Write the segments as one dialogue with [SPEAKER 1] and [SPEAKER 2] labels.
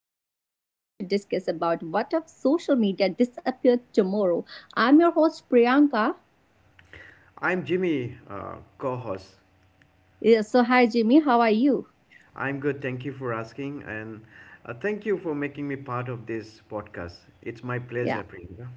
[SPEAKER 1] I'm just going to discuss about what if social media disappeared tomorrow. I'm your host Priyanka.
[SPEAKER 2] I'm Jimmy, co host.
[SPEAKER 1] Yeah, so hi Jimmy, how are you?
[SPEAKER 2] I'm good, thank you for asking, and thank you for making me part of this podcast. It's my
[SPEAKER 1] Yeah,
[SPEAKER 2] pleasure, Priyanka.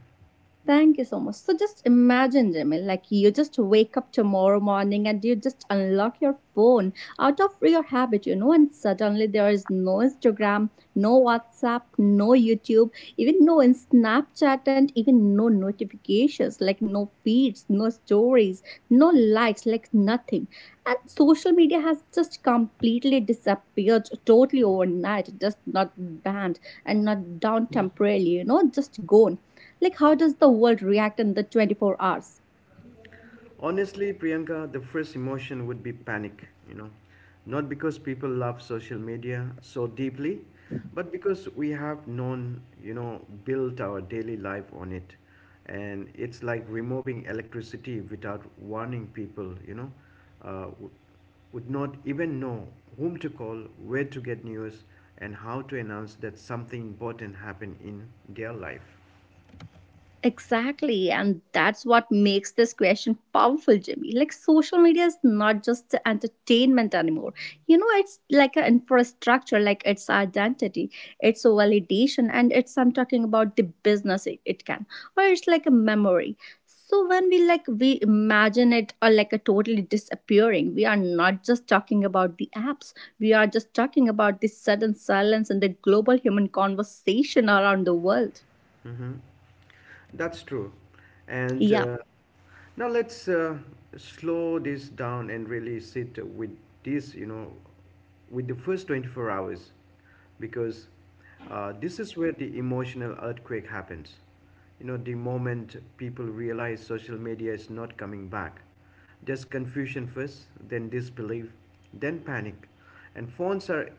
[SPEAKER 1] thank you so much. So just imagine, Jamil, like you just wake up tomorrow morning and you just unlock your phone out of your habit, you know, and suddenly there is no Instagram, no WhatsApp, no YouTube, even no in Snapchat, and even no notifications, like no feeds, no stories, no likes, like nothing. And social media has just completely disappeared totally overnight, just not banned and not down temporarily, you know, just gone like, how does the world react in the 24 hours?
[SPEAKER 2] Honestly, Priyanka, the first emotion would be panic. Not because people love social media so deeply, but because we have known, built our daily life on it. And it's like removing electricity without warning people, uh, w- would not even know whom to call, where to get news, and how to announce that something important happened in their life.
[SPEAKER 1] Exactly. And that's what makes this question powerful, Jimmy. Like, social media is not just the entertainment anymore. You know, it's like an infrastructure, like it's identity, it's a validation, and it's, I'm talking about the business it can, or it's like a memory. So when we like we imagine it or like a totally disappearing, we are not just talking about the apps. We are just talking about the sudden silence and the global human conversation around the world.
[SPEAKER 2] Mm-hmm. That's true. And
[SPEAKER 1] Yeah.
[SPEAKER 2] Now let's slow this down and really sit with this, with the first 24 hours, because this is where the emotional earthquake happens. The moment people realize social media is not coming back, just confusion first, then disbelief, then panic. And phones are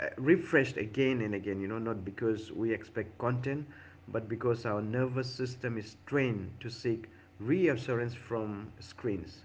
[SPEAKER 2] refreshed again and again, not because we expect content, but because our nervous system is trained to seek reassurance from screens.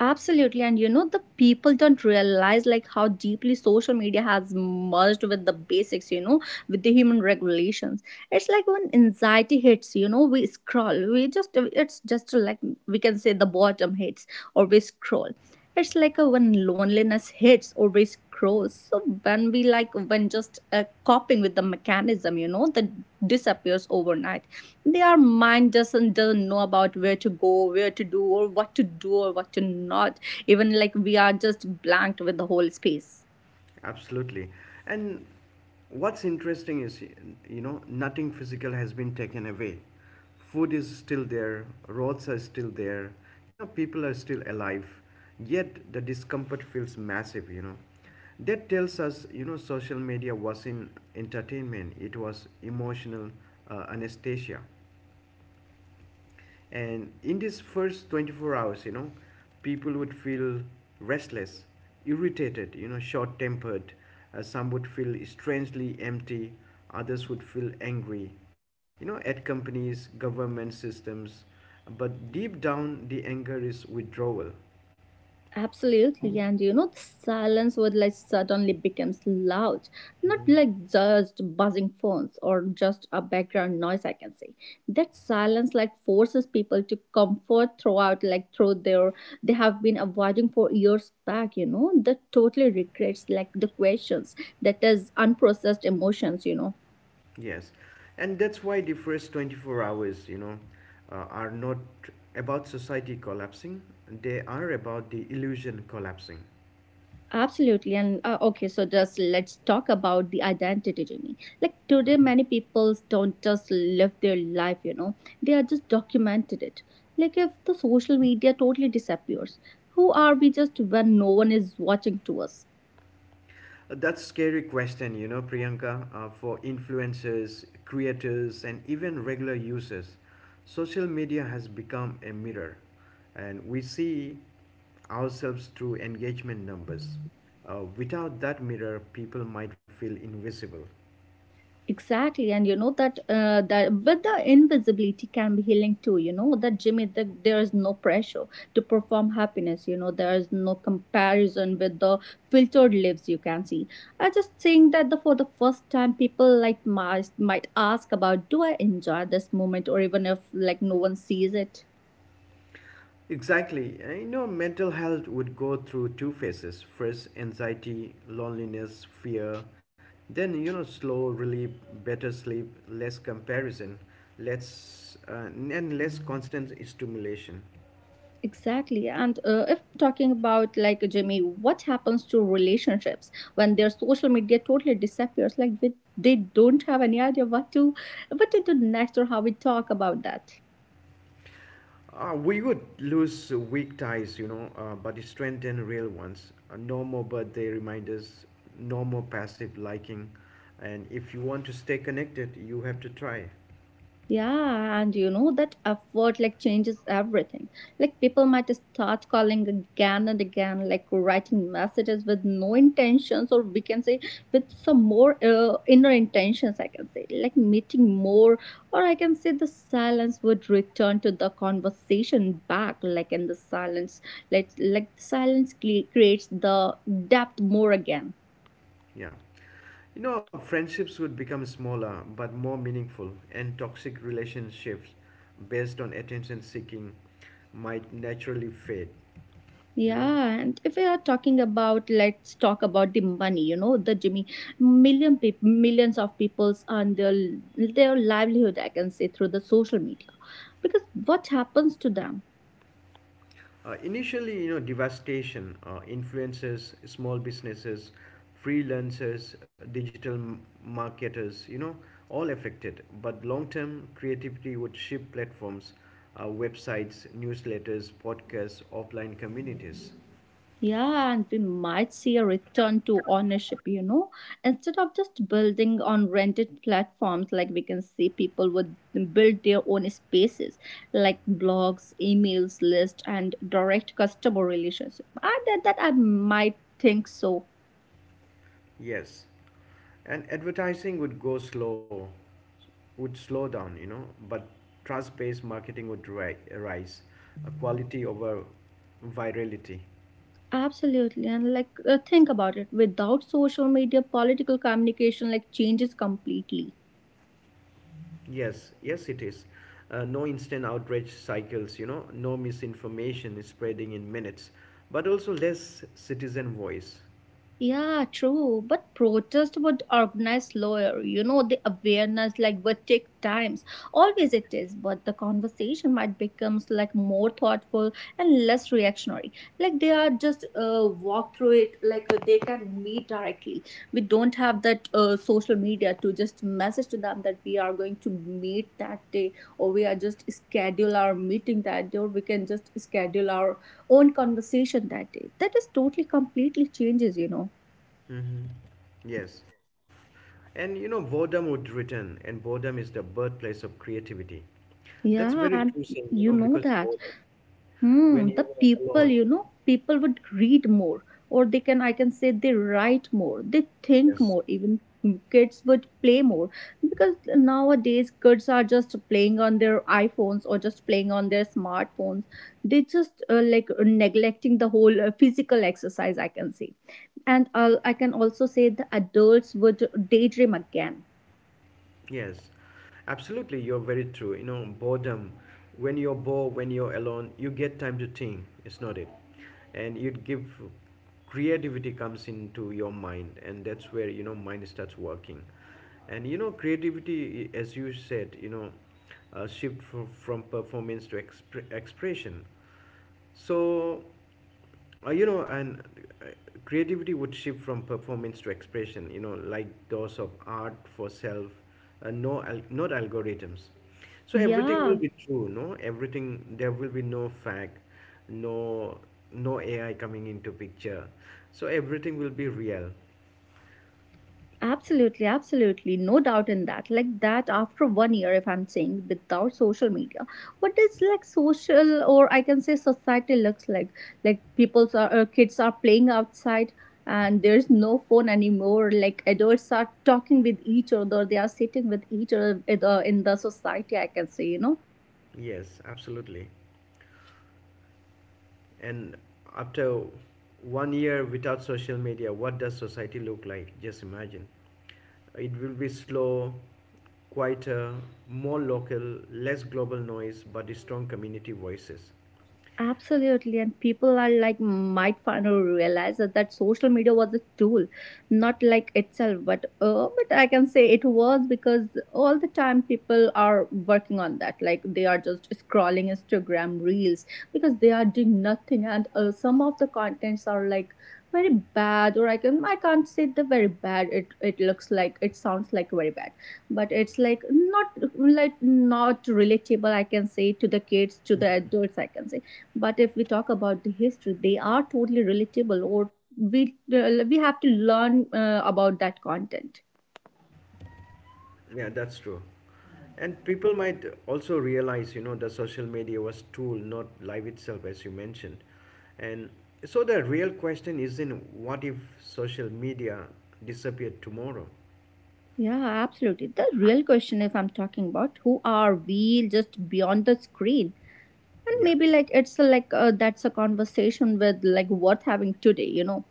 [SPEAKER 1] Absolutely. And you know, the people don't realize like how deeply social media has merged with the basics, you know, with the human regulations. It's like when anxiety hits, you know, we scroll. We just, it's just like we can say the bottom hits or we scroll. It's like a, when loneliness hits or we grows so when we like when just coping with the mechanism, you know, that disappears overnight, their mind doesn't know about where to go, where to do, or what to do or what to not, even like we are just blanked with the whole space.
[SPEAKER 2] Absolutely. And what's interesting is, nothing physical has been taken away. Food is still there, roads are still there, people are still alive. Yet the discomfort feels massive. That tells us, social media was in entertainment, it was emotional anesthesia. And in this first 24 hours, people would feel restless, irritated, short tempered. Some would feel strangely empty, others would feel angry, at companies, government systems. But deep down, the anger is withdrawal.
[SPEAKER 1] Absolutely, and you know, the silence would like suddenly becomes loud, not
[SPEAKER 2] Hmm.
[SPEAKER 1] like just buzzing phones or just a background noise. I can say that silence like forces people to comfort throughout, like through their they have been avoiding for years back. You know, that totally regrets like the questions that is unprocessed emotions, you know.
[SPEAKER 2] Yes, and that's why the first 24 hours are not about society collapsing, they are about the illusion collapsing.
[SPEAKER 1] Absolutely. And okay, so just let's talk about the identity, Jimmy. Like today,
[SPEAKER 2] Mhm.
[SPEAKER 1] many people don't just live their life, you know, they are just documented it. Like if the social media totally disappears, who are we just when no one is watching to us?
[SPEAKER 2] That's scary question, Priyanka, for influencers, creators, and even regular users. Social media has become a mirror, and we see ourselves through engagement numbers. Without that mirror, people might feel invisible.
[SPEAKER 1] Exactly, and you know that that but the invisibility can be healing too. You know that, Jimmy, that there is no pressure to perform happiness. You know there is no comparison with the filtered lives you can see. I just think that the, for the first time, people like might ask about, do I enjoy this moment, or even if like no one sees it.
[SPEAKER 2] Exactly. And, mental health would go through two phases. First, anxiety, loneliness, fear. Then, slow relief, better sleep, less comparison, less and less constant stimulation.
[SPEAKER 1] Exactly. And if talking about like Jimmy, what happens to relationships when their social media totally disappears? Like they don't have any idea what to do next or how we talk about that.
[SPEAKER 2] We would lose weak ties, but strengthen real ones. No more birthday reminders, no more passive liking. And if you want to stay connected, you have to try.
[SPEAKER 1] Yeah, and you know that effort like changes everything. Like people might start calling again and again, like writing messages with no intentions, or we can say with some more inner intentions. I can say like meeting more, or I can say the silence would return to the conversation back. Like in the silence, like silence creates the depth more again.
[SPEAKER 2] Yeah. Friendships would become smaller but more meaningful, and toxic relationships based on attention seeking might naturally fade. You know,
[SPEAKER 1] Yeah, and if we are talking about, let's talk about the money. You know, the Jimmy, million people, millions of people's earn their livelihood. I can say through the social media, because what happens to them?
[SPEAKER 2] Initially, devastation, influencers, small businesses, freelancers, digital marketers, all affected. But long term, creativity would shift platforms, websites, newsletters, podcasts, offline communities.
[SPEAKER 1] Yeah, and we might see a return to ownership. You know, instead of just building on rented platforms, like we can see people would build their own spaces, like blogs, emails list, and direct customer relationship. I that that I might think so.
[SPEAKER 2] Yes. And advertising would go slow would slow down, but trust based marketing would rise, a quality over virality.
[SPEAKER 1] Absolutely. And like, think about it. Without social media, political communication like changes completely.
[SPEAKER 2] Yes, yes, it is. No instant outrage cycles, no misinformation is spreading in minutes, but also less citizen voice.
[SPEAKER 1] Yeah, true. But protest would organize slower. You know, the awareness like would take times. Always it is. But the conversation might becomes like more thoughtful and less reactionary. Like they are just walk through it, like they can meet directly, we don't have that social media to just message to them that we are going to meet that day, or we are just schedule our meeting that day, or we can just schedule our own conversation that day, that is totally completely changes, you know.
[SPEAKER 2] Hmm. Yes, and boredom would return, and boredom is the birthplace of creativity.
[SPEAKER 1] Yeah,
[SPEAKER 2] That's
[SPEAKER 1] and
[SPEAKER 2] very true
[SPEAKER 1] you
[SPEAKER 2] saying,
[SPEAKER 1] know that,
[SPEAKER 2] because boredom,
[SPEAKER 1] hmm, the
[SPEAKER 2] when you are
[SPEAKER 1] people, you
[SPEAKER 2] alone.
[SPEAKER 1] know, people would read more, or they can, I can say, they write more, they think more.
[SPEAKER 2] Yes,
[SPEAKER 1] Even kids would play more because nowadays kids are just playing on their iPhones or just playing on their smartphones. They just like neglecting the whole physical exercise, I can say. And I can also say the adults would daydream again.
[SPEAKER 2] yes, absolutely. You're very true. Boredom. When you're bored, when you're alone, you get time to think. It's not it, and you'd give creativity comes into your mind, and that's where mind starts working, and creativity, as you said, shift from performance to expression. So. You know and uh, Creativity would shift from performance to expression, like those of art for self, no not algorithms. So everything will
[SPEAKER 1] Yeah.
[SPEAKER 2] be true, no everything, there will be no fact, no no AI coming into picture, so everything will be real.
[SPEAKER 1] Absolutely, absolutely. No doubt in that. Like that after 1 year, if I'm saying without social media, what is like social, or I can say, society looks like? Like people's are, kids are playing outside and there's no phone anymore. Like adults are talking with each other. They are sitting with each other in the society, I can say, you know.
[SPEAKER 2] Yes, absolutely. And after one year without social media, what does society look like? Just imagine. It will be slow, quieter, more local, less global noise, but strong community voices.
[SPEAKER 1] Absolutely, and people are like might finally realize that, that social media was a tool, not like itself. But I can say it was because all the time people are working on that. Like they are just scrolling Instagram reels because they are doing nothing, and some of the contents are like very bad, or I can I can't say the very bad, it looks like it sounds like very bad, but it's like not relatable, I can say, to the kids, to the adults, I can say, but if we talk about the history, they are totally relatable, or we have to learn about that content.
[SPEAKER 2] Yeah, that's true. And people might also realize the social media was tool, not life itself, as you mentioned. And so the real question isn't what if social media disappeared tomorrow?
[SPEAKER 1] Yeah, absolutely. The real question, if I'm talking about who are we just beyond the screen, and
[SPEAKER 2] Yeah,
[SPEAKER 1] maybe like it's a, like that's a conversation with like what having today, you know.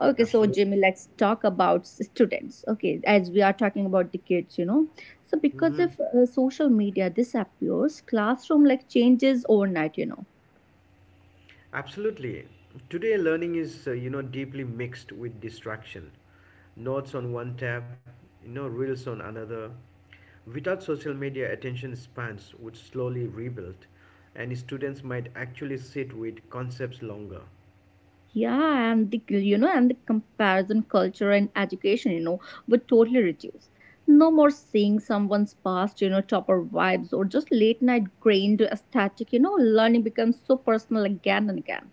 [SPEAKER 1] Okay, so
[SPEAKER 2] absolutely.
[SPEAKER 1] Jimmy, let's talk about students. Okay, as we are talking about the kids, you know. So because
[SPEAKER 2] Mm-hmm.
[SPEAKER 1] if social media disappears, classroom like changes overnight, you know.
[SPEAKER 2] Absolutely. Today, learning is deeply mixed with distraction. Notes on one tab, reels on another. Without social media, attention spans would slowly rebuild, and students might actually sit with concepts longer.
[SPEAKER 1] Yeah, and the you know, and the comparison culture and education, you know, would totally reduce. No more seeing someone's past, you know, topper vibes or just late night grained aesthetic, you know, learning becomes so personal again and again.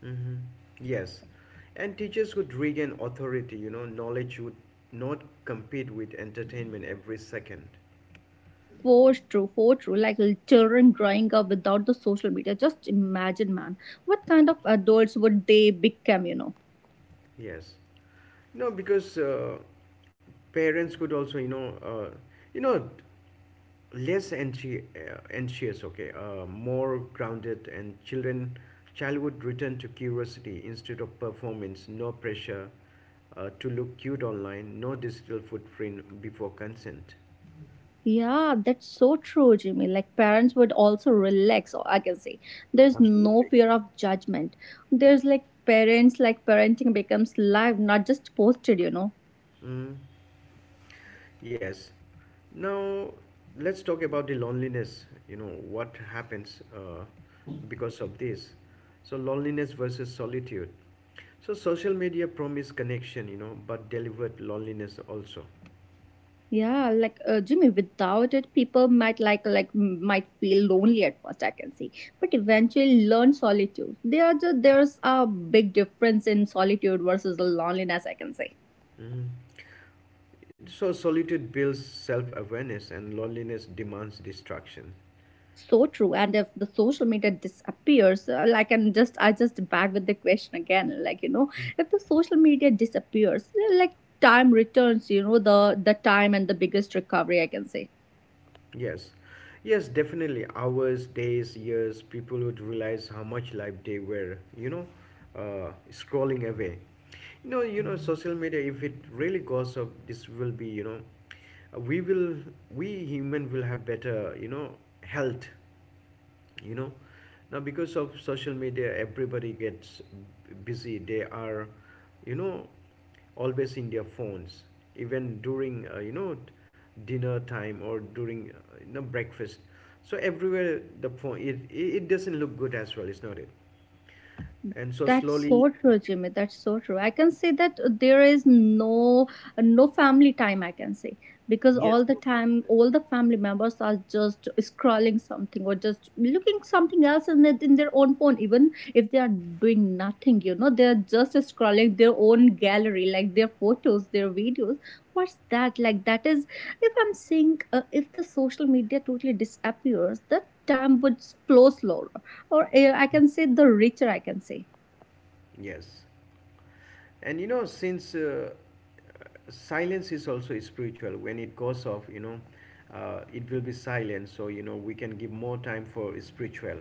[SPEAKER 2] Hmm. Yes, and teachers would regain authority. Knowledge would not compete with entertainment every second.
[SPEAKER 1] For true, like little children growing up without the social media. Just imagine, man, what kind of adults would they become, you know?
[SPEAKER 2] Yes. No, because parents could also, you know, less anxious, okay, more grounded, and child would return to curiosity instead of performance. No pressure to look cute online. No digital footprint before consent.
[SPEAKER 1] Yeah, that's so true, Jimmy. Like parents would also relax, or I can say there's no
[SPEAKER 2] Absolutely.
[SPEAKER 1] fear of judgment. There's like parents, like parenting becomes live, not just posted, you know.
[SPEAKER 2] Mm. Yes. Now let's talk about the loneliness. What happens, because of this? So loneliness versus solitude. So social media promise connection, but delivered loneliness also.
[SPEAKER 1] Yeah, like Jimmy, without it, people might like might feel lonely at first, I can see, but eventually learn solitude. There, are there's a big difference in solitude versus the loneliness, I can say.
[SPEAKER 2] Mhm. So solitude builds self-awareness, and loneliness demands distraction.
[SPEAKER 1] So true, and if the social media disappears, like and just I just back with the question again, like you know, if the social media disappears, like time returns, you know, the time and the biggest recovery, I can say.
[SPEAKER 2] Yes, yes, definitely. Hours, days, years, people would realize how much life they were scrolling away. Social media. If it really goes up, this will be, we we human will have better, health. you know Now because of social media everybody gets busy, they are, you know always in their phones, even during dinner time, or during breakfast. So everywhere the phone, it doesn't look good as well. It's not it. And so
[SPEAKER 1] That's
[SPEAKER 2] slowly.
[SPEAKER 1] so true, Jimmy. That's so true. I can say that there is no no family time. I can say because all
[SPEAKER 2] Yes,
[SPEAKER 1] the
[SPEAKER 2] no
[SPEAKER 1] time,
[SPEAKER 2] filter.
[SPEAKER 1] all the family members are just scrolling something or just looking something else in their own phone. Even if they are doing nothing, you know, they are just scrolling their own gallery, like their photos, their videos. What's that like? That is, if I'm saying, if the social media totally disappears, the time would flow slower, or I can say the richer, I can say.
[SPEAKER 2] Yes. And since silence is also spiritual, when it goes off, it will be silent. So, we can give more time for spiritual.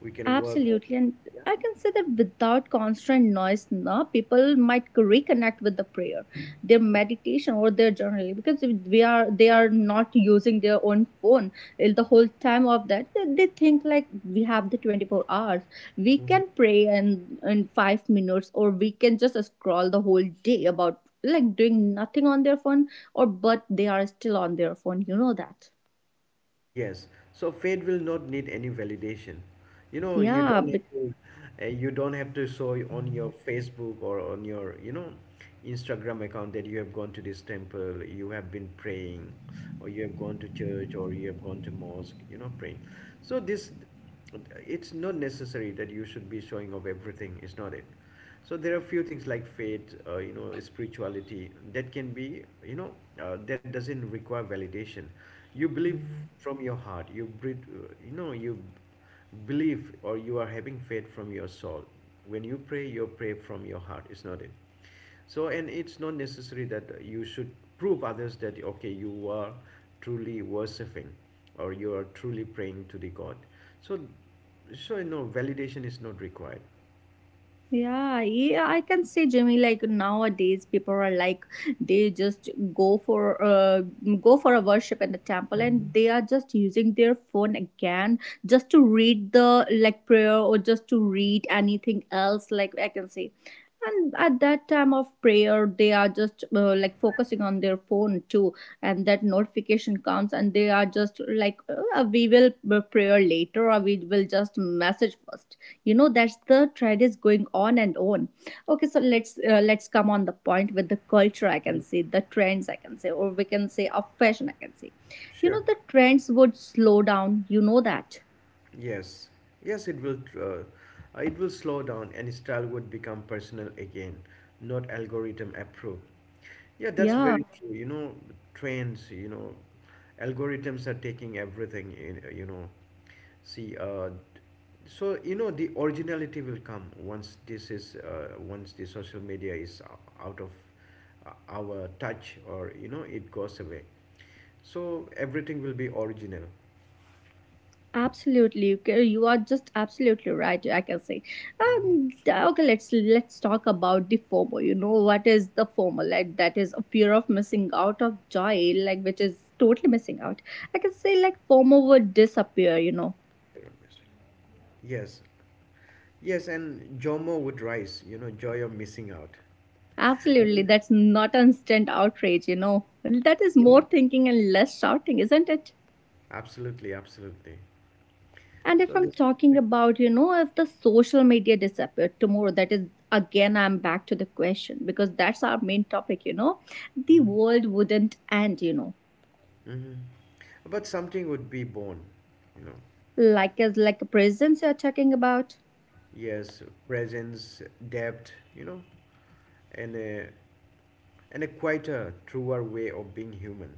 [SPEAKER 2] We can work on.
[SPEAKER 1] Absolutely, and I can say that without constant noise, no, people might reconnect with the prayer, their meditation, or their journaling, because if we are they are not using their own phone, eh, the whole time of that. They think like we have the 24 hours, we
[SPEAKER 2] Yeah.
[SPEAKER 1] can pray in 5 minutes, or we can just scroll the whole day about like doing nothing on their phone, or but they are still on their phone. You know that.
[SPEAKER 2] Yes. So faith will not need any validation. You know, you
[SPEAKER 1] Yeah.
[SPEAKER 2] don't have to, you don't have to show it on your Facebook or on your Instagram account that you have gone to this temple, you have been praying, or you have gone to church, or you have gone to mosque, praying. So this, it's not necessary that you should be showing off everything. It's not it. So there are few things like faith, spirituality, that can be, that doesn't require validation. You believe from your heart. You breathe, you believe, or you are having faith from your soul. When you pray, you pray from your heart. It's not it. So, and it's not necessary that you should prove others that, okay, you are truly worshiping, or you are truly praying to the god. So so you know, validation is not required.
[SPEAKER 1] Yeah, yeah, I can say, Jimmy, like nowadays people are like they just go for go for a worship in the temple
[SPEAKER 2] Mm.
[SPEAKER 1] and they are just using their phone again just to read the like prayer or just to read anything else. Like I can say, and at that time of prayer they are just like focusing on their phone too, and that notification comes and they are just like we will prayer later or we will just message first, you know, that's the trend is going on and on. Okay, so let's come on the point with the culture, I can say, the trends I can say, or we can say of fashion I can say. You know,
[SPEAKER 2] Sure.
[SPEAKER 1] the trends would slow down, you know that.
[SPEAKER 2] Yes, yes, it will. It will slow down, and style would become personal again, not algorithm approved. Yeah, that's
[SPEAKER 1] Yeah,
[SPEAKER 2] very true. Trends. Algorithms are taking everything in. See. So, the originality will come once this is once the social media is out of our touch, or it goes away. So everything will be original.
[SPEAKER 1] absolutely, you okay, you are just absolutely right. I can say, okay, let's talk about the FOMO. You know what is the FOMO? Like that is a fear of missing out of joy, like which is totally missing out. I can say like FOMO would disappear. You know,
[SPEAKER 2] Yes, yes, and JOMO would rise, joy of missing out. I
[SPEAKER 1] absolutely,
[SPEAKER 2] mean,
[SPEAKER 1] that's not instant outrage. You know, that is
[SPEAKER 2] yeah,
[SPEAKER 1] more thinking and less shouting, isn't it?
[SPEAKER 2] absolutely, absolutely.
[SPEAKER 1] And
[SPEAKER 2] So
[SPEAKER 1] if I'm
[SPEAKER 2] this is
[SPEAKER 1] talking
[SPEAKER 2] something.
[SPEAKER 1] about, you know, if the social media disappeared tomorrow, that is again, I'm back to the question because that's our main topic, you know, the
[SPEAKER 2] Mm-hmm.
[SPEAKER 1] world wouldn't end, you know,
[SPEAKER 2] Mm-hmm. But something would be born, you know.
[SPEAKER 1] like as like prisons you're talking about.
[SPEAKER 2] Yes, presence, depth, and a quieter, truer way of being human.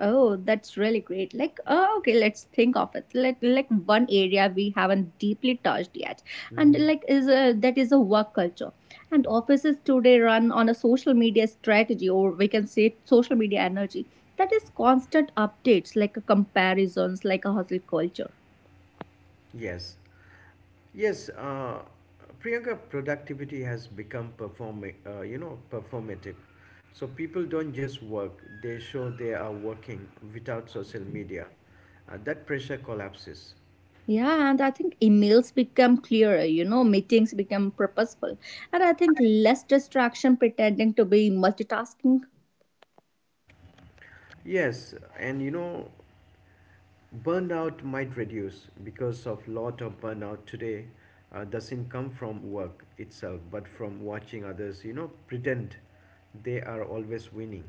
[SPEAKER 1] Oh, that's really great. Like, oh, okay, let's think of it. Like one area we haven't deeply touched yet, and
[SPEAKER 2] Hmm.
[SPEAKER 1] like is a, that is a work culture. And offices today run on a social media strategy, or we can say social media energy. That is constant updates, like a comparisons, like a hustle culture.
[SPEAKER 2] Yes, yes, Priyanka, productivity has become performing, performative. So people don't just work; they show they are working without social media. That pressure collapses.
[SPEAKER 1] Yeah, and I think emails become clearer, you know, meetings become purposeful. And I think less distraction pretending to be multitasking.
[SPEAKER 2] Yes, and burnout might reduce, because of lot of burnout today doesn't come from work itself, but from watching others, pretend they are always winning.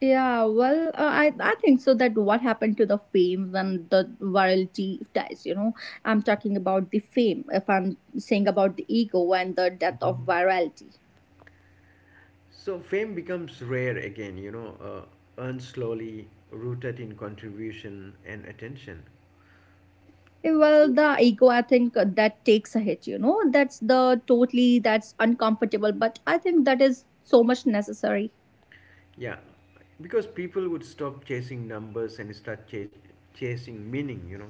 [SPEAKER 1] Yeah, well, I think so that what happened to the fame and the virality dies, you know. I'm talking about the fame. If I'm saying about the ego and the death of virality.
[SPEAKER 2] So fame becomes rare again, earned slowly, rooted in contribution and attention.
[SPEAKER 1] Eh, well,
[SPEAKER 2] So,
[SPEAKER 1] the ego, I think that takes a hit, you know. That's the totally that's uncomfortable, but I think that is so much necessary.
[SPEAKER 2] yeah, because people would stop chasing numbers and start chasing meaning.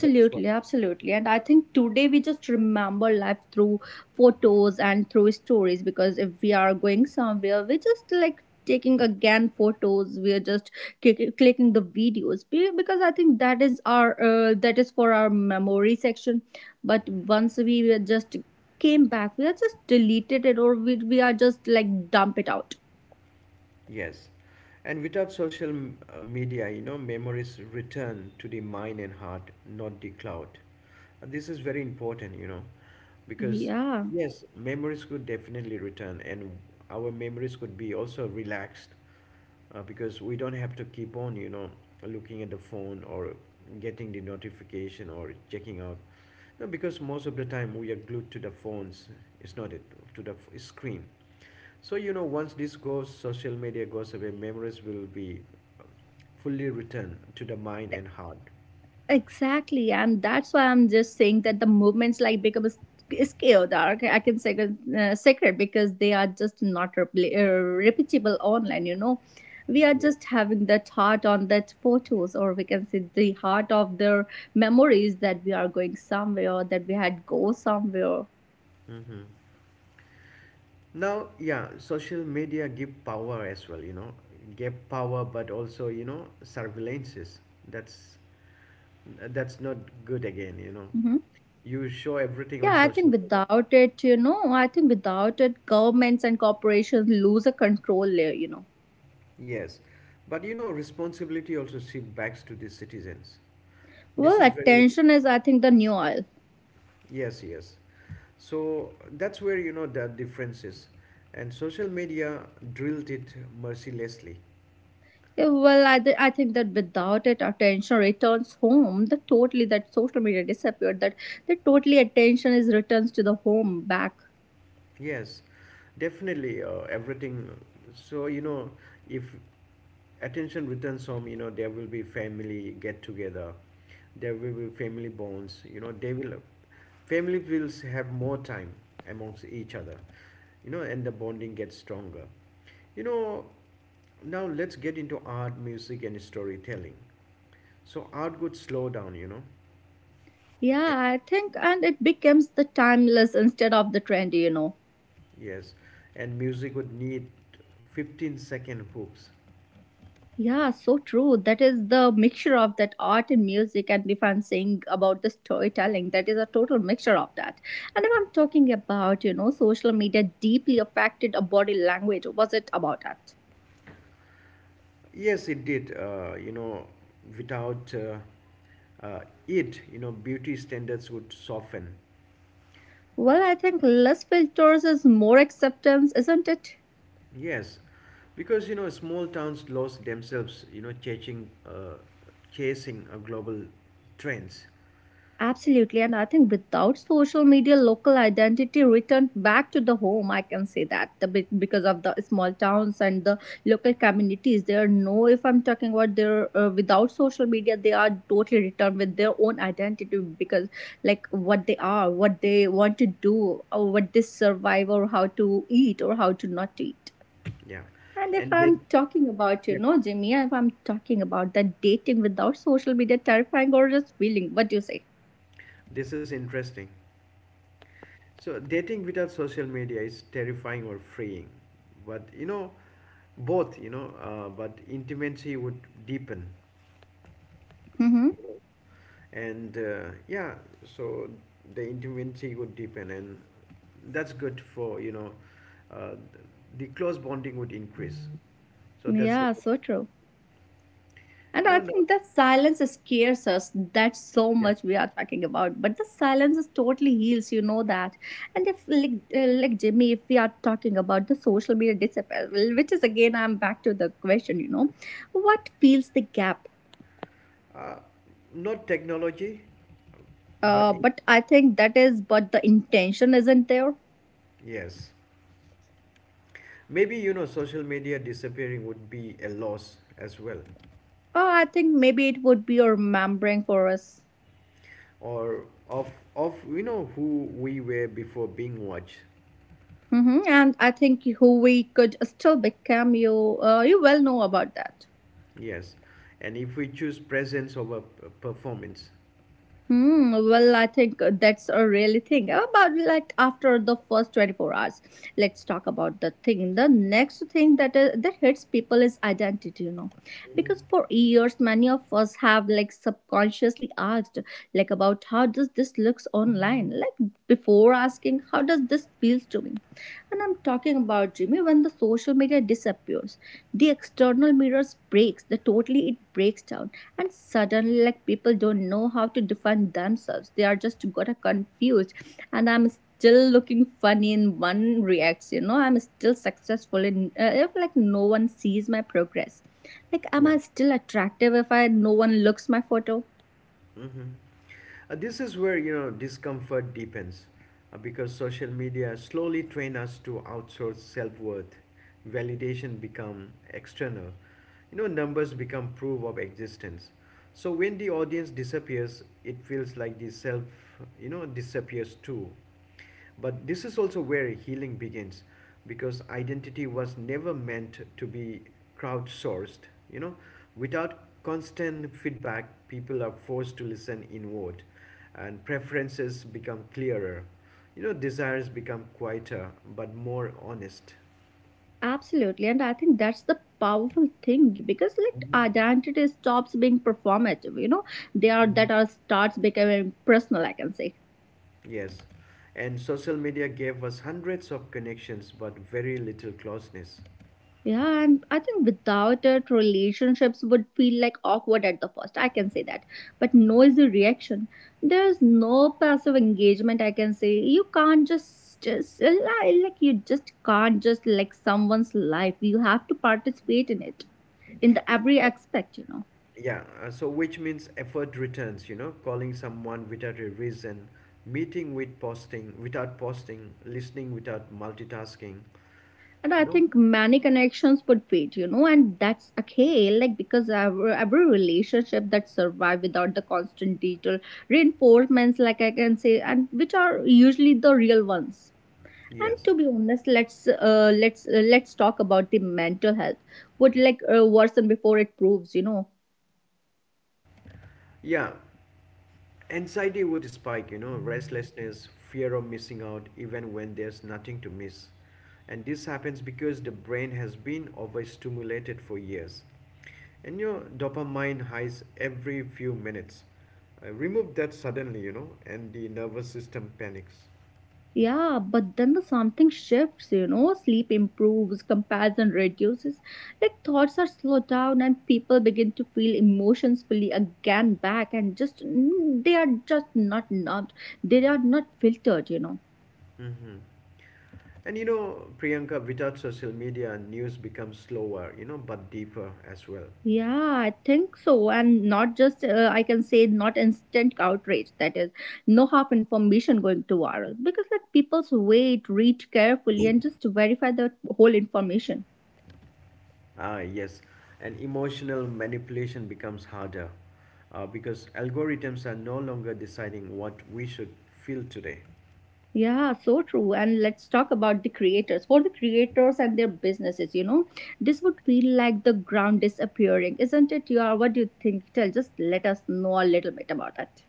[SPEAKER 2] That is what.
[SPEAKER 1] absolutely. And I think today we just remember life through photos and through stories because if we are going somewhere, we just like taking again photos, we are just clicking the videos. Because I think that is our that is for our memory section, but once we were just came back we are just deleted it, or we are just like dump it out.
[SPEAKER 2] Yes. And without social media, memories return to the mind and heart, not the cloud. This is very important, because
[SPEAKER 1] Yeah,
[SPEAKER 2] yes, memories could definitely return, and our memories could be also relaxed, because we don't have to keep on, looking at the phone, or getting the notification, or checking out. No, because most of the time we are glued to the phones. It's not it. To the screen. So once this goes, social media goes away, memories will be fully returned to the mind and heart.
[SPEAKER 1] exactly, and that's why I'm just saying that the movements like become a is chaotic. I can say sacred because they are just not repeatable online. You know, we are just
[SPEAKER 2] Yes.
[SPEAKER 1] having that heart on that photos, or we can say the heart of their memories that we are going somewhere, that we had go somewhere.
[SPEAKER 2] Hmm. Now, yeah, social media give power as well, give power, but also surveillances. That's that's not good again.
[SPEAKER 1] Hmm.
[SPEAKER 2] You show everything
[SPEAKER 1] Yeah,
[SPEAKER 2] on
[SPEAKER 1] I think
[SPEAKER 2] social media.
[SPEAKER 1] without it, you know, I think without it, governments and corporations lose a control layer. You know,
[SPEAKER 2] Yes. But responsibility also shift back to the citizens. This
[SPEAKER 1] well,
[SPEAKER 2] is very.
[SPEAKER 1] attention is I think the new oil.
[SPEAKER 2] Yes, yes. So that's where the difference is. And social media drilled it mercilessly.
[SPEAKER 1] Yeah, well, I think that without it, attention returns home. That totally, that social media disappeared. That that totally attention is returns to the home back.
[SPEAKER 2] Yes, definitely, everything. So, if attention returns home, there will be family get together, there will be family bonds, family will have more time amongst each other, and the bonding gets stronger. You know, now let's get into art, music, and storytelling. So, art would slow down,
[SPEAKER 1] Yeah, I think, and it becomes the timeless instead of the trendy. You know.
[SPEAKER 2] yes, and music would need 15-second hooks.
[SPEAKER 1] Yeah, so true. That is the mixture of that art and music, and if I'm saying about the storytelling, that is a total mixture of that. And if I'm talking about, you know, social media deeply affected a body language, was it about that?
[SPEAKER 2] Yes, it did. Without uh, it, beauty standards would soften.
[SPEAKER 1] Well, I think less filters is more acceptance, isn't it?
[SPEAKER 2] Yes, because small towns lost themselves. You know, chasing, chasing a global trends.
[SPEAKER 1] Absolutely. And I think without social media, local identity returned back to the home. I can say that the, because of the small towns and the local communities, they are no, if I'm talking about their without social media, they are totally returned with their own identity because like what they are, what they want to do, or what they survive, or how to eat, or how to not to eat.
[SPEAKER 2] Yeah,
[SPEAKER 1] And if
[SPEAKER 2] and that,
[SPEAKER 1] I'm talking about, you
[SPEAKER 2] yeah,
[SPEAKER 1] know, Jimmy, if I'm talking about that dating without social media terrifying or just feeling, what do you say?
[SPEAKER 2] this is interesting. So dating without social media is terrifying or freeing, but both. But intimacy would deepen.
[SPEAKER 1] Hmm.
[SPEAKER 2] You know and yeah, so the intimacy would deepen, and that's good for uh, the close bonding would increase, so that's the.
[SPEAKER 1] Yeah, so true. And I
[SPEAKER 2] No, no.
[SPEAKER 1] think that silence scares us. That's so
[SPEAKER 2] Yeah.
[SPEAKER 1] much we are talking about. But the silence is totally heals, you know that. And if, like Jimmy, if we are talking about the social media disappear, well, which is again, I'm back to the question, you know, what fills the gap?
[SPEAKER 2] uh, not technology. but in,
[SPEAKER 1] But I think that is, but the intention isn't there.
[SPEAKER 2] yes, maybe social media disappearing would be a loss as well,
[SPEAKER 1] Oh, I think maybe it would be remembering for us.
[SPEAKER 2] or of who we were before being watched.
[SPEAKER 1] Hmm. And I think who we could still become. You well know about that.
[SPEAKER 2] Yes. And if we choose presence over performance,
[SPEAKER 1] Hmm, well, I think that's a really thing. But like after the first 24 hours, let's talk about the thing. The next thing that that hits people is identity, you know. Because for years many of us have like subconsciously asked like about how does this looks online? Like before asking how does this feels to me? And I'm talking about Jimmy when the social media disappears, the external mirrors breaks, the totally it breaks down, and suddenly like people don't know how to define themselves, they are just got a confused. And I'm still looking funny in one reacts, you know, I'm still successful in if like no one sees my progress, like am
[SPEAKER 2] yeah.
[SPEAKER 1] I still attractive if I no one looks my photo.
[SPEAKER 2] Hmm. This is where discomfort deepens, because social media slowly train us to outsource self-worth. Validation become external. You know, numbers become proof of existence. So when the audience disappears, it feels like the self, disappears too. But this is also where healing begins because identity was never meant to be crowdsourced. You know, without constant feedback, people are forced to listen inward and preferences become clearer. You know, desires become quieter but more honest.
[SPEAKER 1] Absolutely, and I think that's the powerful thing because like
[SPEAKER 2] Mhm.
[SPEAKER 1] identity stops being performative, you know, they are that
[SPEAKER 2] Mhm.
[SPEAKER 1] are starts becoming personal, I can say.
[SPEAKER 2] Yes. And social media gave us hundreds of connections but very little closeness.
[SPEAKER 1] Yeah, and I think without it, relationships would feel like awkward at the first. I can say that. But no easy reaction. There's no passive engagement, I can say. You can't just, you just can't just like someone's life. You have to participate in it, in the every aspect, you know.
[SPEAKER 2] Yeah, so which means effort returns, you know, calling someone without a reason, meeting with posting without posting, listening without multitasking.
[SPEAKER 1] And I
[SPEAKER 2] No?
[SPEAKER 1] think many connections put weight, you know, and that's okay. Like because every relationship that survive without the constant digital reinforcements, like I can say, and which are usually the real ones. And
[SPEAKER 2] Yes.
[SPEAKER 1] to be honest, let's talk about the mental health. What like worsen before it proves, you know.
[SPEAKER 2] Yeah. Anxiety would spike, you know, restlessness, fear of missing out even when there's nothing to miss. And this happens because the brain has been overstimulated for years. And your dopamine highs every few minutes. Remove that suddenly, you know, and the nervous system panics.
[SPEAKER 1] Yeah, but then the something shifts, you know, sleep improves, comparison reduces, like thoughts are slowed down and people begin to feel emotions fully again back and just they are just not numbed. They are not filtered, you know.
[SPEAKER 2] Mm-hmm. And Priyanka, without social media, news becomes slower, you know, but deeper as well.
[SPEAKER 1] Yeah, I think so. And not just, I can say, not instant outrage. That is, no half information going to viral. Because, like, people's wait, read carefully, and just verify the whole information.
[SPEAKER 2] Ah, yes. And emotional manipulation becomes harder because algorithms are no longer deciding what we should feel today.
[SPEAKER 1] Yeah, so true. And let's talk about the creators. For the creators and their businesses, you know, this would feel like the ground disappearing, isn't it? You are, what do you think? Tell, just let us know a little bit about it.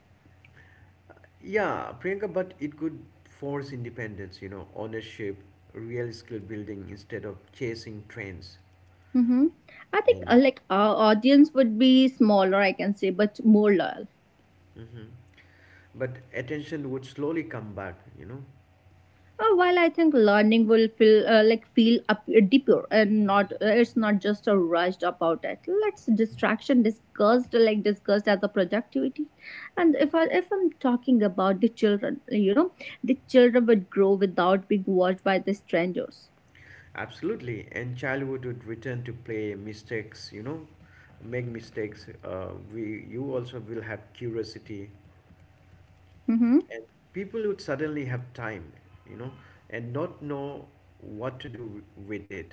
[SPEAKER 2] Yeah, Priyanka, but it could force independence, you know, ownership, real skill building instead of chasing trends.
[SPEAKER 1] Mm-hmm. I think
[SPEAKER 2] And,
[SPEAKER 1] like our audience would be smaller, I can say, but more loyal.
[SPEAKER 2] hmm but attention would slowly come back, you know.
[SPEAKER 1] While I think learning will feel up deeper and not it's not just a rushed about it. Let's distraction discussed like discussed as a productivity, and if I'm talking about the children, you know, the children would grow without being watched by the strangers.
[SPEAKER 2] Absolutely, and childhood would return to play mistakes, you know, make mistakes. We you also will have curiosity,
[SPEAKER 1] Mm-hmm.
[SPEAKER 2] and people would suddenly have time, you know, and not know what to do with it.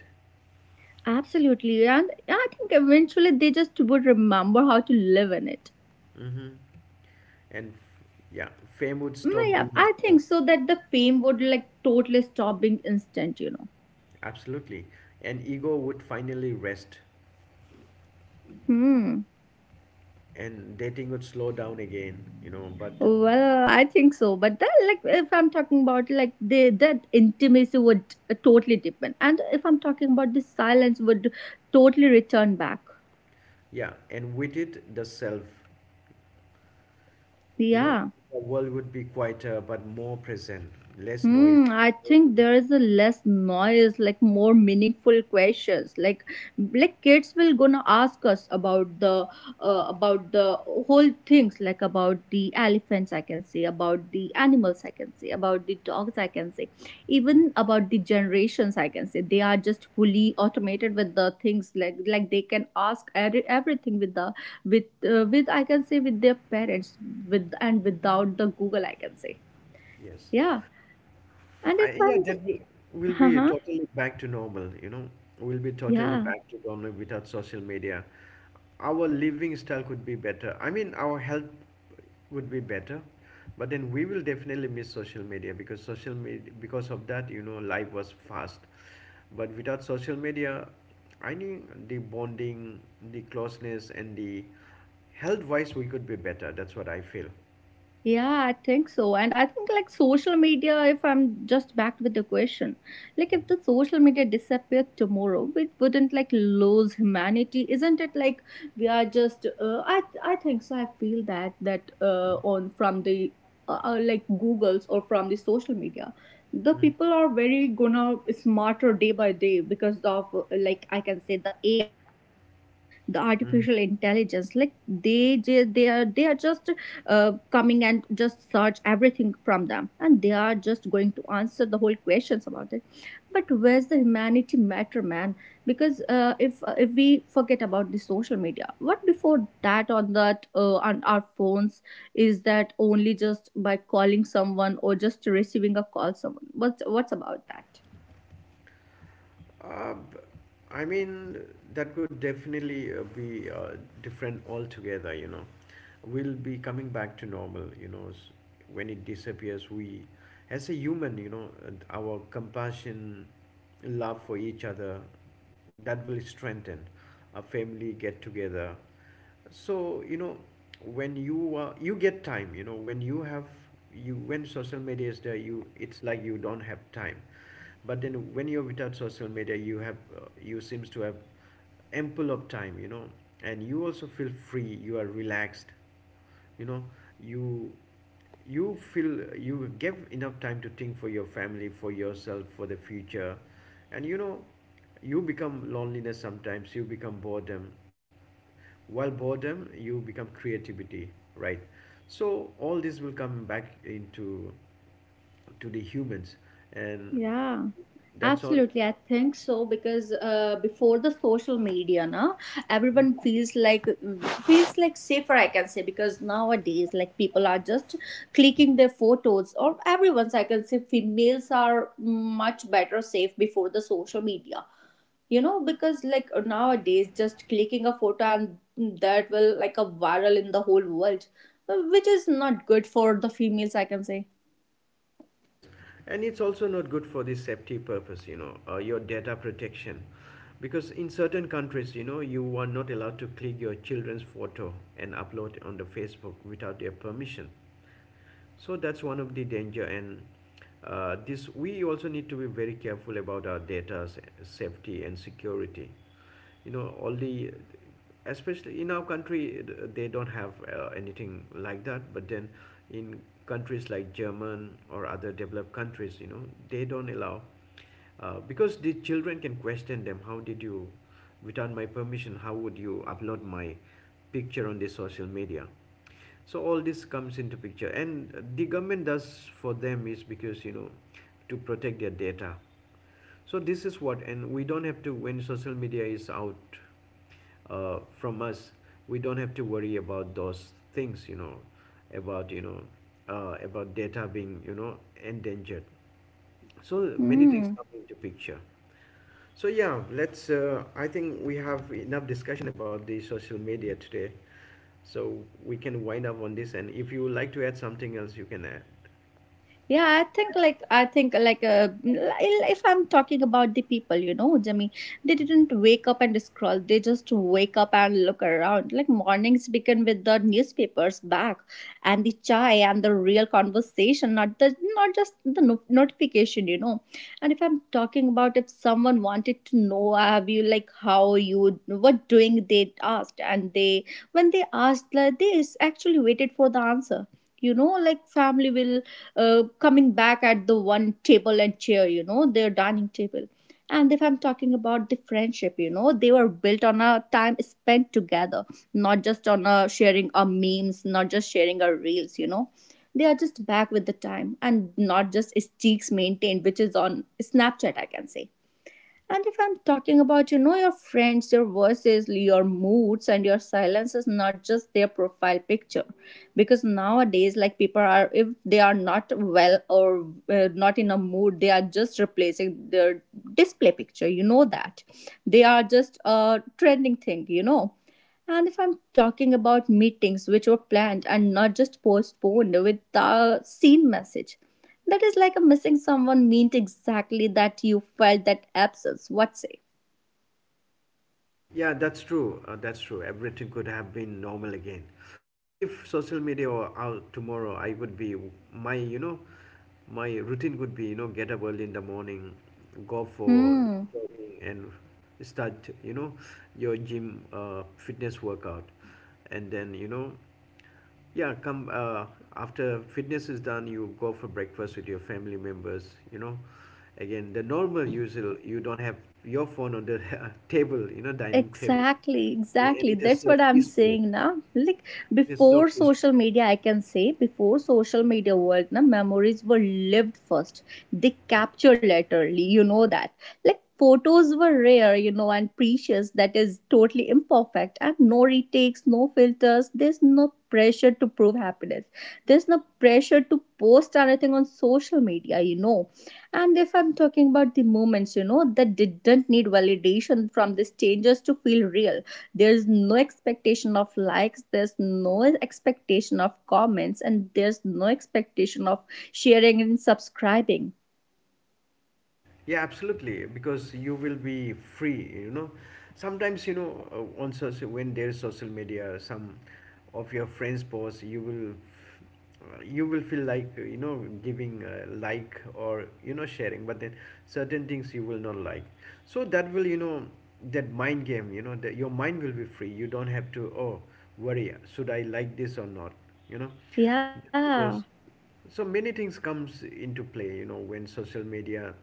[SPEAKER 1] Absolutely, and I think eventually they just would remember how to live in it.
[SPEAKER 2] Mm-hmm. And f- yeah, fame would
[SPEAKER 1] Mm,
[SPEAKER 2] stop
[SPEAKER 1] yeah,
[SPEAKER 2] being
[SPEAKER 1] I
[SPEAKER 2] instant.
[SPEAKER 1] think so that the fame would like totally stop being instant. You know.
[SPEAKER 2] Absolutely, and ego would finally rest,
[SPEAKER 1] Hmm.
[SPEAKER 2] and dating would slow down again, you know. But
[SPEAKER 1] Well, I think so, but then, like, if I'm talking about like the that intimacy would totally depend, and if I'm talking about the silence would totally return back.
[SPEAKER 2] yeah, and with it, the self. You know,
[SPEAKER 1] Yeah.
[SPEAKER 2] the world would be quieter but more present, less noise,
[SPEAKER 1] Hmm, I
[SPEAKER 2] more
[SPEAKER 1] think
[SPEAKER 2] meaning.
[SPEAKER 1] there is a less noise, like more meaningful questions. Like kids will gonna ask us about the whole things, like about the elephants I can see, about the animals I can see, about the dogs I can see, even about the generations I can see. They are just fully automated with the things, like they can ask every, everything with the with with I can say with their parents with and without the Google I can say.
[SPEAKER 2] Yes.
[SPEAKER 1] Yeah. And if
[SPEAKER 2] Yeah,
[SPEAKER 1] I'm just,
[SPEAKER 2] will
[SPEAKER 1] uh
[SPEAKER 2] be
[SPEAKER 1] huh,
[SPEAKER 2] totally back to normal, you know. We'll be totally
[SPEAKER 1] yeah.
[SPEAKER 2] back to normal without social media. Our living style could be better. I mean, our health would be better, but then we will definitely miss social media, because of that, you know, life was fast. But without social media, I think the bonding, the closeness, and the health-wise, we could be better. That's what I feel.
[SPEAKER 1] Yeah, I think so. And I think like social media, if I'm just back with the question, like if the social media disappeared tomorrow, it wouldn't like lose humanity, isn't it? Like we are just, I think so. I feel that
[SPEAKER 2] Mm,
[SPEAKER 1] on from the like Google's or from the social media, the
[SPEAKER 2] mm,
[SPEAKER 1] people are very gonna smarter day by day because of like I can say the AI, the artificial
[SPEAKER 2] mm, mm.
[SPEAKER 1] intelligence. Like they ju- they are just coming and just search everything from them, and they are just going to answer the whole questions about it. But where's the humanity matter, man? Because if we forget about the social media, what before that on that on our phones, is that only just by calling someone or just receiving a call someone? What's about that?
[SPEAKER 2] Uh, b- I mean, that could definitely be different altogether, you know. We'll be coming back to normal, you know. When it disappears, we, as a human, our compassion, love for each other, that will strengthen. Our family get together. So, you know, when you you get time, you know, when social media is there, you it's like you don't have time, but then when you're without social media you have, you seems to have ample of time, you know, and you also feel free, you are relaxed, you know. You you feel you give enough time to think for your family, for yourself, for the future. And you know, you become loneliness, sometimes you become boredom, while boredom you become creativity, right? So all this will come back into, to the humans. And
[SPEAKER 1] Yeah.
[SPEAKER 2] that's on.
[SPEAKER 1] Absolutely, I think so, because before the social media, now everyone feels like safer, I can say, because nowadays, like, people are just clicking their photos, or everyone's. I can say females are much better safe before the social media. You know, because like nowadays, just clicking a photo and that will like a viral in the whole world, which is not good for the females, I can say.
[SPEAKER 2] Yes, and it's also not good for the safety purpose, you know, your data protection. Because in certain countries, you know, you are not allowed to click your children's photo and upload on the Facebook without their permission, so that's one of the danger. And this we also need to be very careful about our data safety and security, you know, all the especially in our country. They don't have anything like that, but then in countries like german or other developed countries, you know, they don't allow, because the children can question them, how did you, without my permission, how would you upload my picture on the social media? So all this comes into picture, and the government does for them is because, you know, to protect their data. So this is what, and we don't have to, when social media is out from us, we don't have to worry about those things, you know, about you know about data being, you know, endangered. So many things
[SPEAKER 1] Hmm.
[SPEAKER 2] come into picture. So yeah, let's. I think we have enough discussion about the social media today, so we can wind up on this. And if you would like to add something else, you can add.
[SPEAKER 1] Yeah, I think if I'm talking about the people, you know, Jimmy, they didn't wake up and scroll. They just wake up and look around. Like, mornings begin with the newspapers back and the chai and the real conversation, not the not just the no- notification, you know. And if I'm talking about, if someone wanted to know, have you, like, how you what doing? They asked, and they when they asked, like, this, actually waited for the answer. You know, like, family will coming back at the one table and chair, you know, their dining table. And if I'm talking about the friendship, you know, they were built on a time spent together, not just on a sharing our memes, not just sharing our reels, you know. They are just back with the time and not just streaks maintained, which is on Snapchat, I can say. And if I'm talking about, you know, your friends, your voices, your moods, and your silences, not just their profile picture. Because nowadays, like, people are, if they are not well or not in a mood, they are just replacing their display picture. You know that. They are just a trending thing, you know. And if I'm talking about meetings which were planned and not just postponed with the seen message, that is like a missing someone meant exactly that you felt that absence. What say?
[SPEAKER 2] Yeah, that's true. That's true. Everything could have been normal again. You know, if social media were out tomorrow, I would be my. You know, my routine would be, you know, get up early in the morning, go for
[SPEAKER 1] Hmm.
[SPEAKER 2] jogging, and start, you know, your gym fitness workout, and then you know. Yeah, come after fitness is done, you go for breakfast with your family members. You know, again the normal usual. You don't have your phone on the table. You know, dining table,
[SPEAKER 1] Exactly,
[SPEAKER 2] and it
[SPEAKER 1] exactly.
[SPEAKER 2] is so
[SPEAKER 1] That's what I'm
[SPEAKER 2] peaceful.
[SPEAKER 1] saying now. Like,
[SPEAKER 2] It is so
[SPEAKER 1] before
[SPEAKER 2] peaceful.
[SPEAKER 1] social media, I can say, before social media world, na, memories were lived first. They capture laterally, you know that. Like, photos were rare, you know, and precious, that is totally imperfect. And no retakes, no filters. There's no pressure to prove happiness. There's no pressure to post anything on social media, you know. And if I'm talking about the moments, you know, that didn't need validation from the strangers to feel real. There's no expectation of likes, there's no expectation of comments, and there's no expectation of sharing and subscribing.
[SPEAKER 2] Yeah, absolutely, because you will be free, you know. Sometimes, you know, on social, when there's social media, some of your friends post, you will you will feel like, you know, giving a like, or you know, sharing, but then certain things you will not like, so that will, you know, that mind game, you know, that your mind will be free. You don't have to, oh, worry, should I like this or not, you know,
[SPEAKER 1] Yeah,
[SPEAKER 2] because so many things comes into play, you know, when social media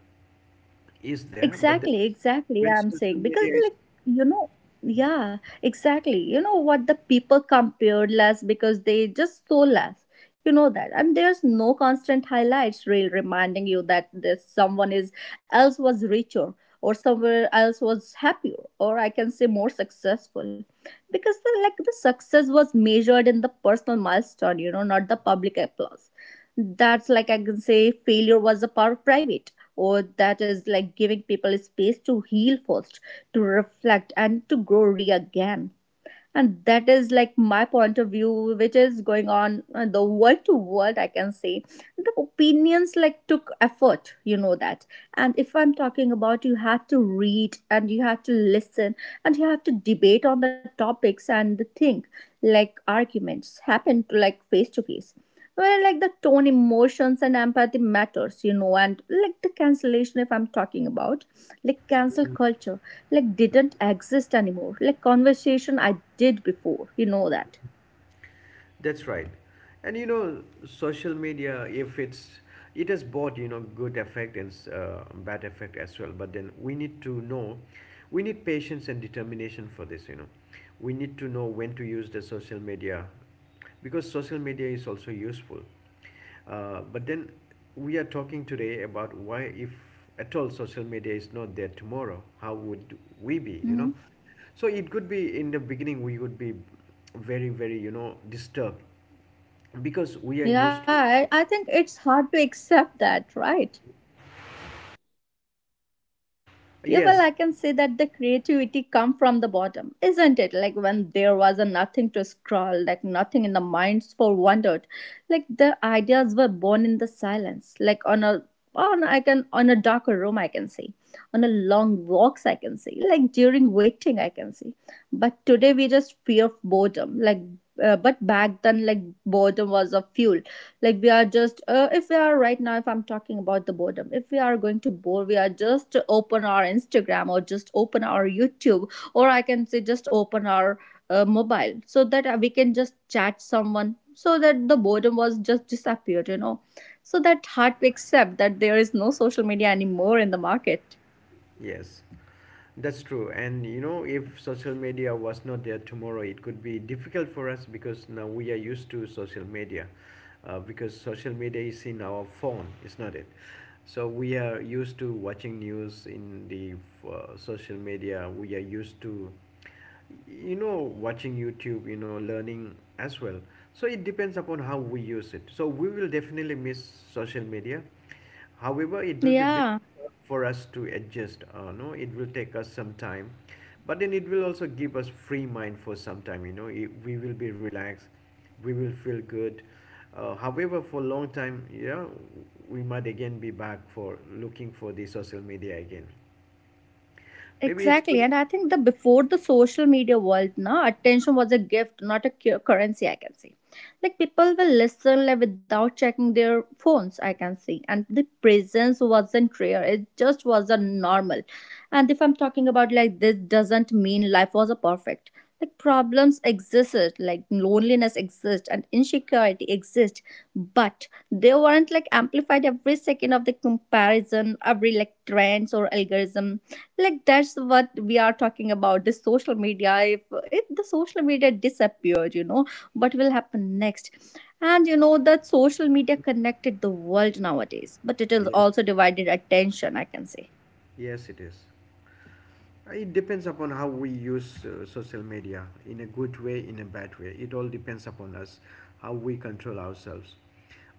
[SPEAKER 2] is there, but then
[SPEAKER 1] exactly, exactly.
[SPEAKER 2] when
[SPEAKER 1] I'm
[SPEAKER 2] social
[SPEAKER 1] saying because
[SPEAKER 2] media
[SPEAKER 1] the
[SPEAKER 2] is.
[SPEAKER 1] like you know, yeah, exactly. You know what, the people compared less because they just so less. You know that, and there's no constant highlights reel reminding you that this someone is else was richer or somewhere else was happier or I can say more successful, because the like the success was measured in the personal milestone. You know, not the public applause. That's like I can say failure was a part of private, or that is like giving people space to heal first, to reflect, and to grow re again. And that is like my point of view, which is going on the world to world, I can say. The opinions like took effort, you know that. And if I'm talking about, you had to read and you had to listen and you have to debate on the topics and the thing, like arguments happen to like face to face, where like the tone, emotions, and empathy matters, you know. And like the cancellation, if I'm talking about, like cancel culture, like didn't exist anymore, like conversation I did before, you know that.
[SPEAKER 2] That's right. And you know, social media, if it's it has both, you know, good effect and bad effect as well. But then we need to know, we need patience and determination for this. You know, we need to know when to use the social media, because social media is also useful. But then we are talking today about why, if at all, social media is not there tomorrow. How would we be? You know,
[SPEAKER 1] Hmm.
[SPEAKER 2] so it could be in the beginning we would be very, very, you know, disturbed, because we are used to.
[SPEAKER 1] Yeah, I think it's hard to accept that, right? Yeah, well,
[SPEAKER 2] Yes.
[SPEAKER 1] I can say that the creativity come from the bottom, isn't it? Like, when there was a nothing to scroll, like nothing in the minds for wondered, like the ideas were born in the silence, like on a on I can on a darker room I can see, on a long walks I can see, like during waiting I can see. But today we just fear of boredom, like but back then, like, boredom was a fuel. Like we are just if we are right now, if I'm talking about the boredom, if we are going to bore, we are just to open our Instagram, or just open our YouTube, or I can say just open our mobile, so that we can just chat someone, so that the boredom was just disappeared, you know. So that
[SPEAKER 2] Mhm.
[SPEAKER 1] hard to accept that there is no social media anymore in the market.
[SPEAKER 2] Yes. That's true. And you know, if social media was not there tomorrow, it could be difficult for us, because now we are used to social media. Because social media is in our phone, is not it? So we are used to watching news in the, social media. We are used to, you know, watching YouTube, you know, learning as well. So it depends upon how we use it. So we will definitely miss social media. However, it will be
[SPEAKER 1] Yeah.
[SPEAKER 2] beneficial for us to adjust. No, it will take us some time, but then it will also give us free mind for some time. You know, we will be relaxed, we will feel good. However, for a long time, you know, we might again be back for looking for the social media again. Maybe it's
[SPEAKER 1] Exactly. And
[SPEAKER 2] good.
[SPEAKER 1] I think the before the social media world, na, attention was a gift, not a currency, I can see. Like, people will listen, like, without checking their phones, I can see. And the presence wasn't rare. It just wasn't normal. And if I'm talking about, like, this doesn't mean life was a perfect. Like, problems existed, like loneliness exists and insecurity exists, but they weren't like amplified every second of the comparison, every like trends or algorithm. Like, that's what we are talking about. This social media, if the social media disappeared, you know, what will happen next. And you know that social media connected the world nowadays, but it is
[SPEAKER 2] Yes,
[SPEAKER 1] also divided attention, I can say.
[SPEAKER 2] yes, it is. It depends upon how we use social media in a good way, in a bad way. It all depends upon us, how we control ourselves.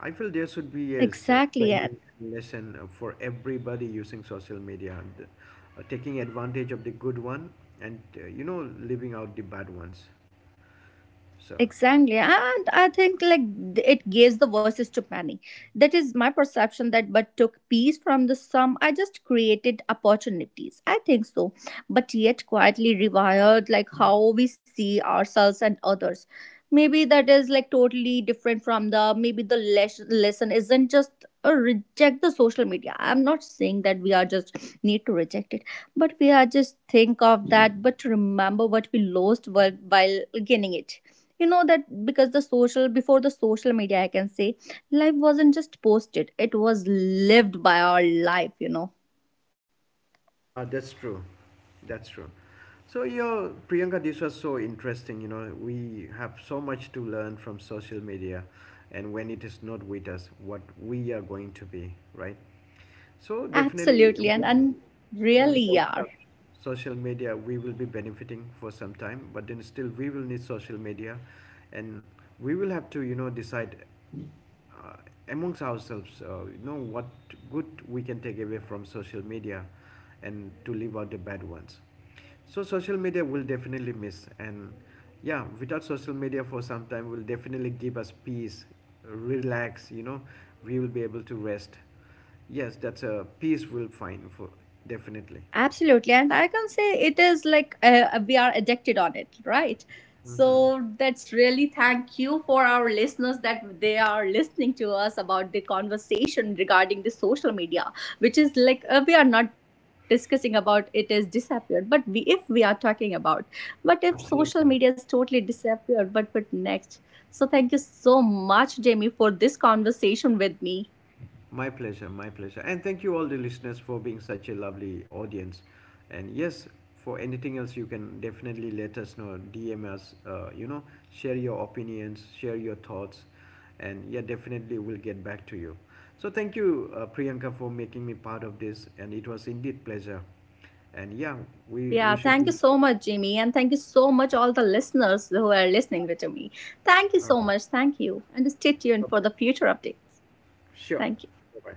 [SPEAKER 2] I feel there should be a
[SPEAKER 1] Exactly.
[SPEAKER 2] training and lesson for everybody using social media, and taking advantage of the good one, and you know, living out the bad ones. So.
[SPEAKER 1] Exactly. And I think, like, it gives the voices to many. That is my perception, that but took peace from the sum. I just created opportunities, I think so. But yet quietly rewired like how we see ourselves and others. Maybe that is like totally different from the maybe the lesson isn't just reject the social media. I'm not saying that we are just need to reject it, but we are just think of that. But remember what we lost while, gaining it, you know that. Because the social before the social media, I can say, life wasn't just posted, it was lived by our life, you know.
[SPEAKER 2] That's true. That's true. So, yeah, Priyanka, this was so interesting. You know, we have so much to learn from social media, and when it is not with us, what we are going to be, right? So, definitely,
[SPEAKER 1] Absolutely. And
[SPEAKER 2] when we are
[SPEAKER 1] really are.
[SPEAKER 2] without social media, we will be benefiting for some time, but then still, we will need social media, and we will have to, you know, decide uh, amongst ourselves, you know, what good we can take away from social media, and to leave out the bad ones. So social media will definitely miss, and yeah, without social media for some time will definitely give us peace, relax. You know, we will be able to rest. Yes, that's a peace we'll find for definitely.
[SPEAKER 1] Absolutely. And I can say it is like we are addicted on it, right?
[SPEAKER 2] Mm-hmm.
[SPEAKER 1] So that's really, thank you for our listeners that they are listening to us about the conversation regarding the social media, which is like we are not discussing about it is disappeared, but we if we are talking about, but if social media
[SPEAKER 2] Absolutely.
[SPEAKER 1] is totally disappeared, but next? So thank you so much, Jamie, for this conversation with me.
[SPEAKER 2] My pleasure, my pleasure. And thank you all the listeners for being such a lovely audience. And yes, for anything else you can definitely let us know, DM us, you know, share your opinions, share your thoughts, and yeah, definitely we'll get back to you. So thank you Priyanka for making me part of this, and it was indeed pleasure. And yeah, we
[SPEAKER 1] Yeah,
[SPEAKER 2] should
[SPEAKER 1] thank you
[SPEAKER 2] be.
[SPEAKER 1] so much, Jamie. And thank you so much, all the listeners who are listening with me. Thank you
[SPEAKER 2] All
[SPEAKER 1] so
[SPEAKER 2] right.
[SPEAKER 1] much. Thank you. And stay tuned for
[SPEAKER 2] Bye-bye.
[SPEAKER 1] the future updates.
[SPEAKER 2] Sure.
[SPEAKER 1] Thank you.
[SPEAKER 2] Bye-bye.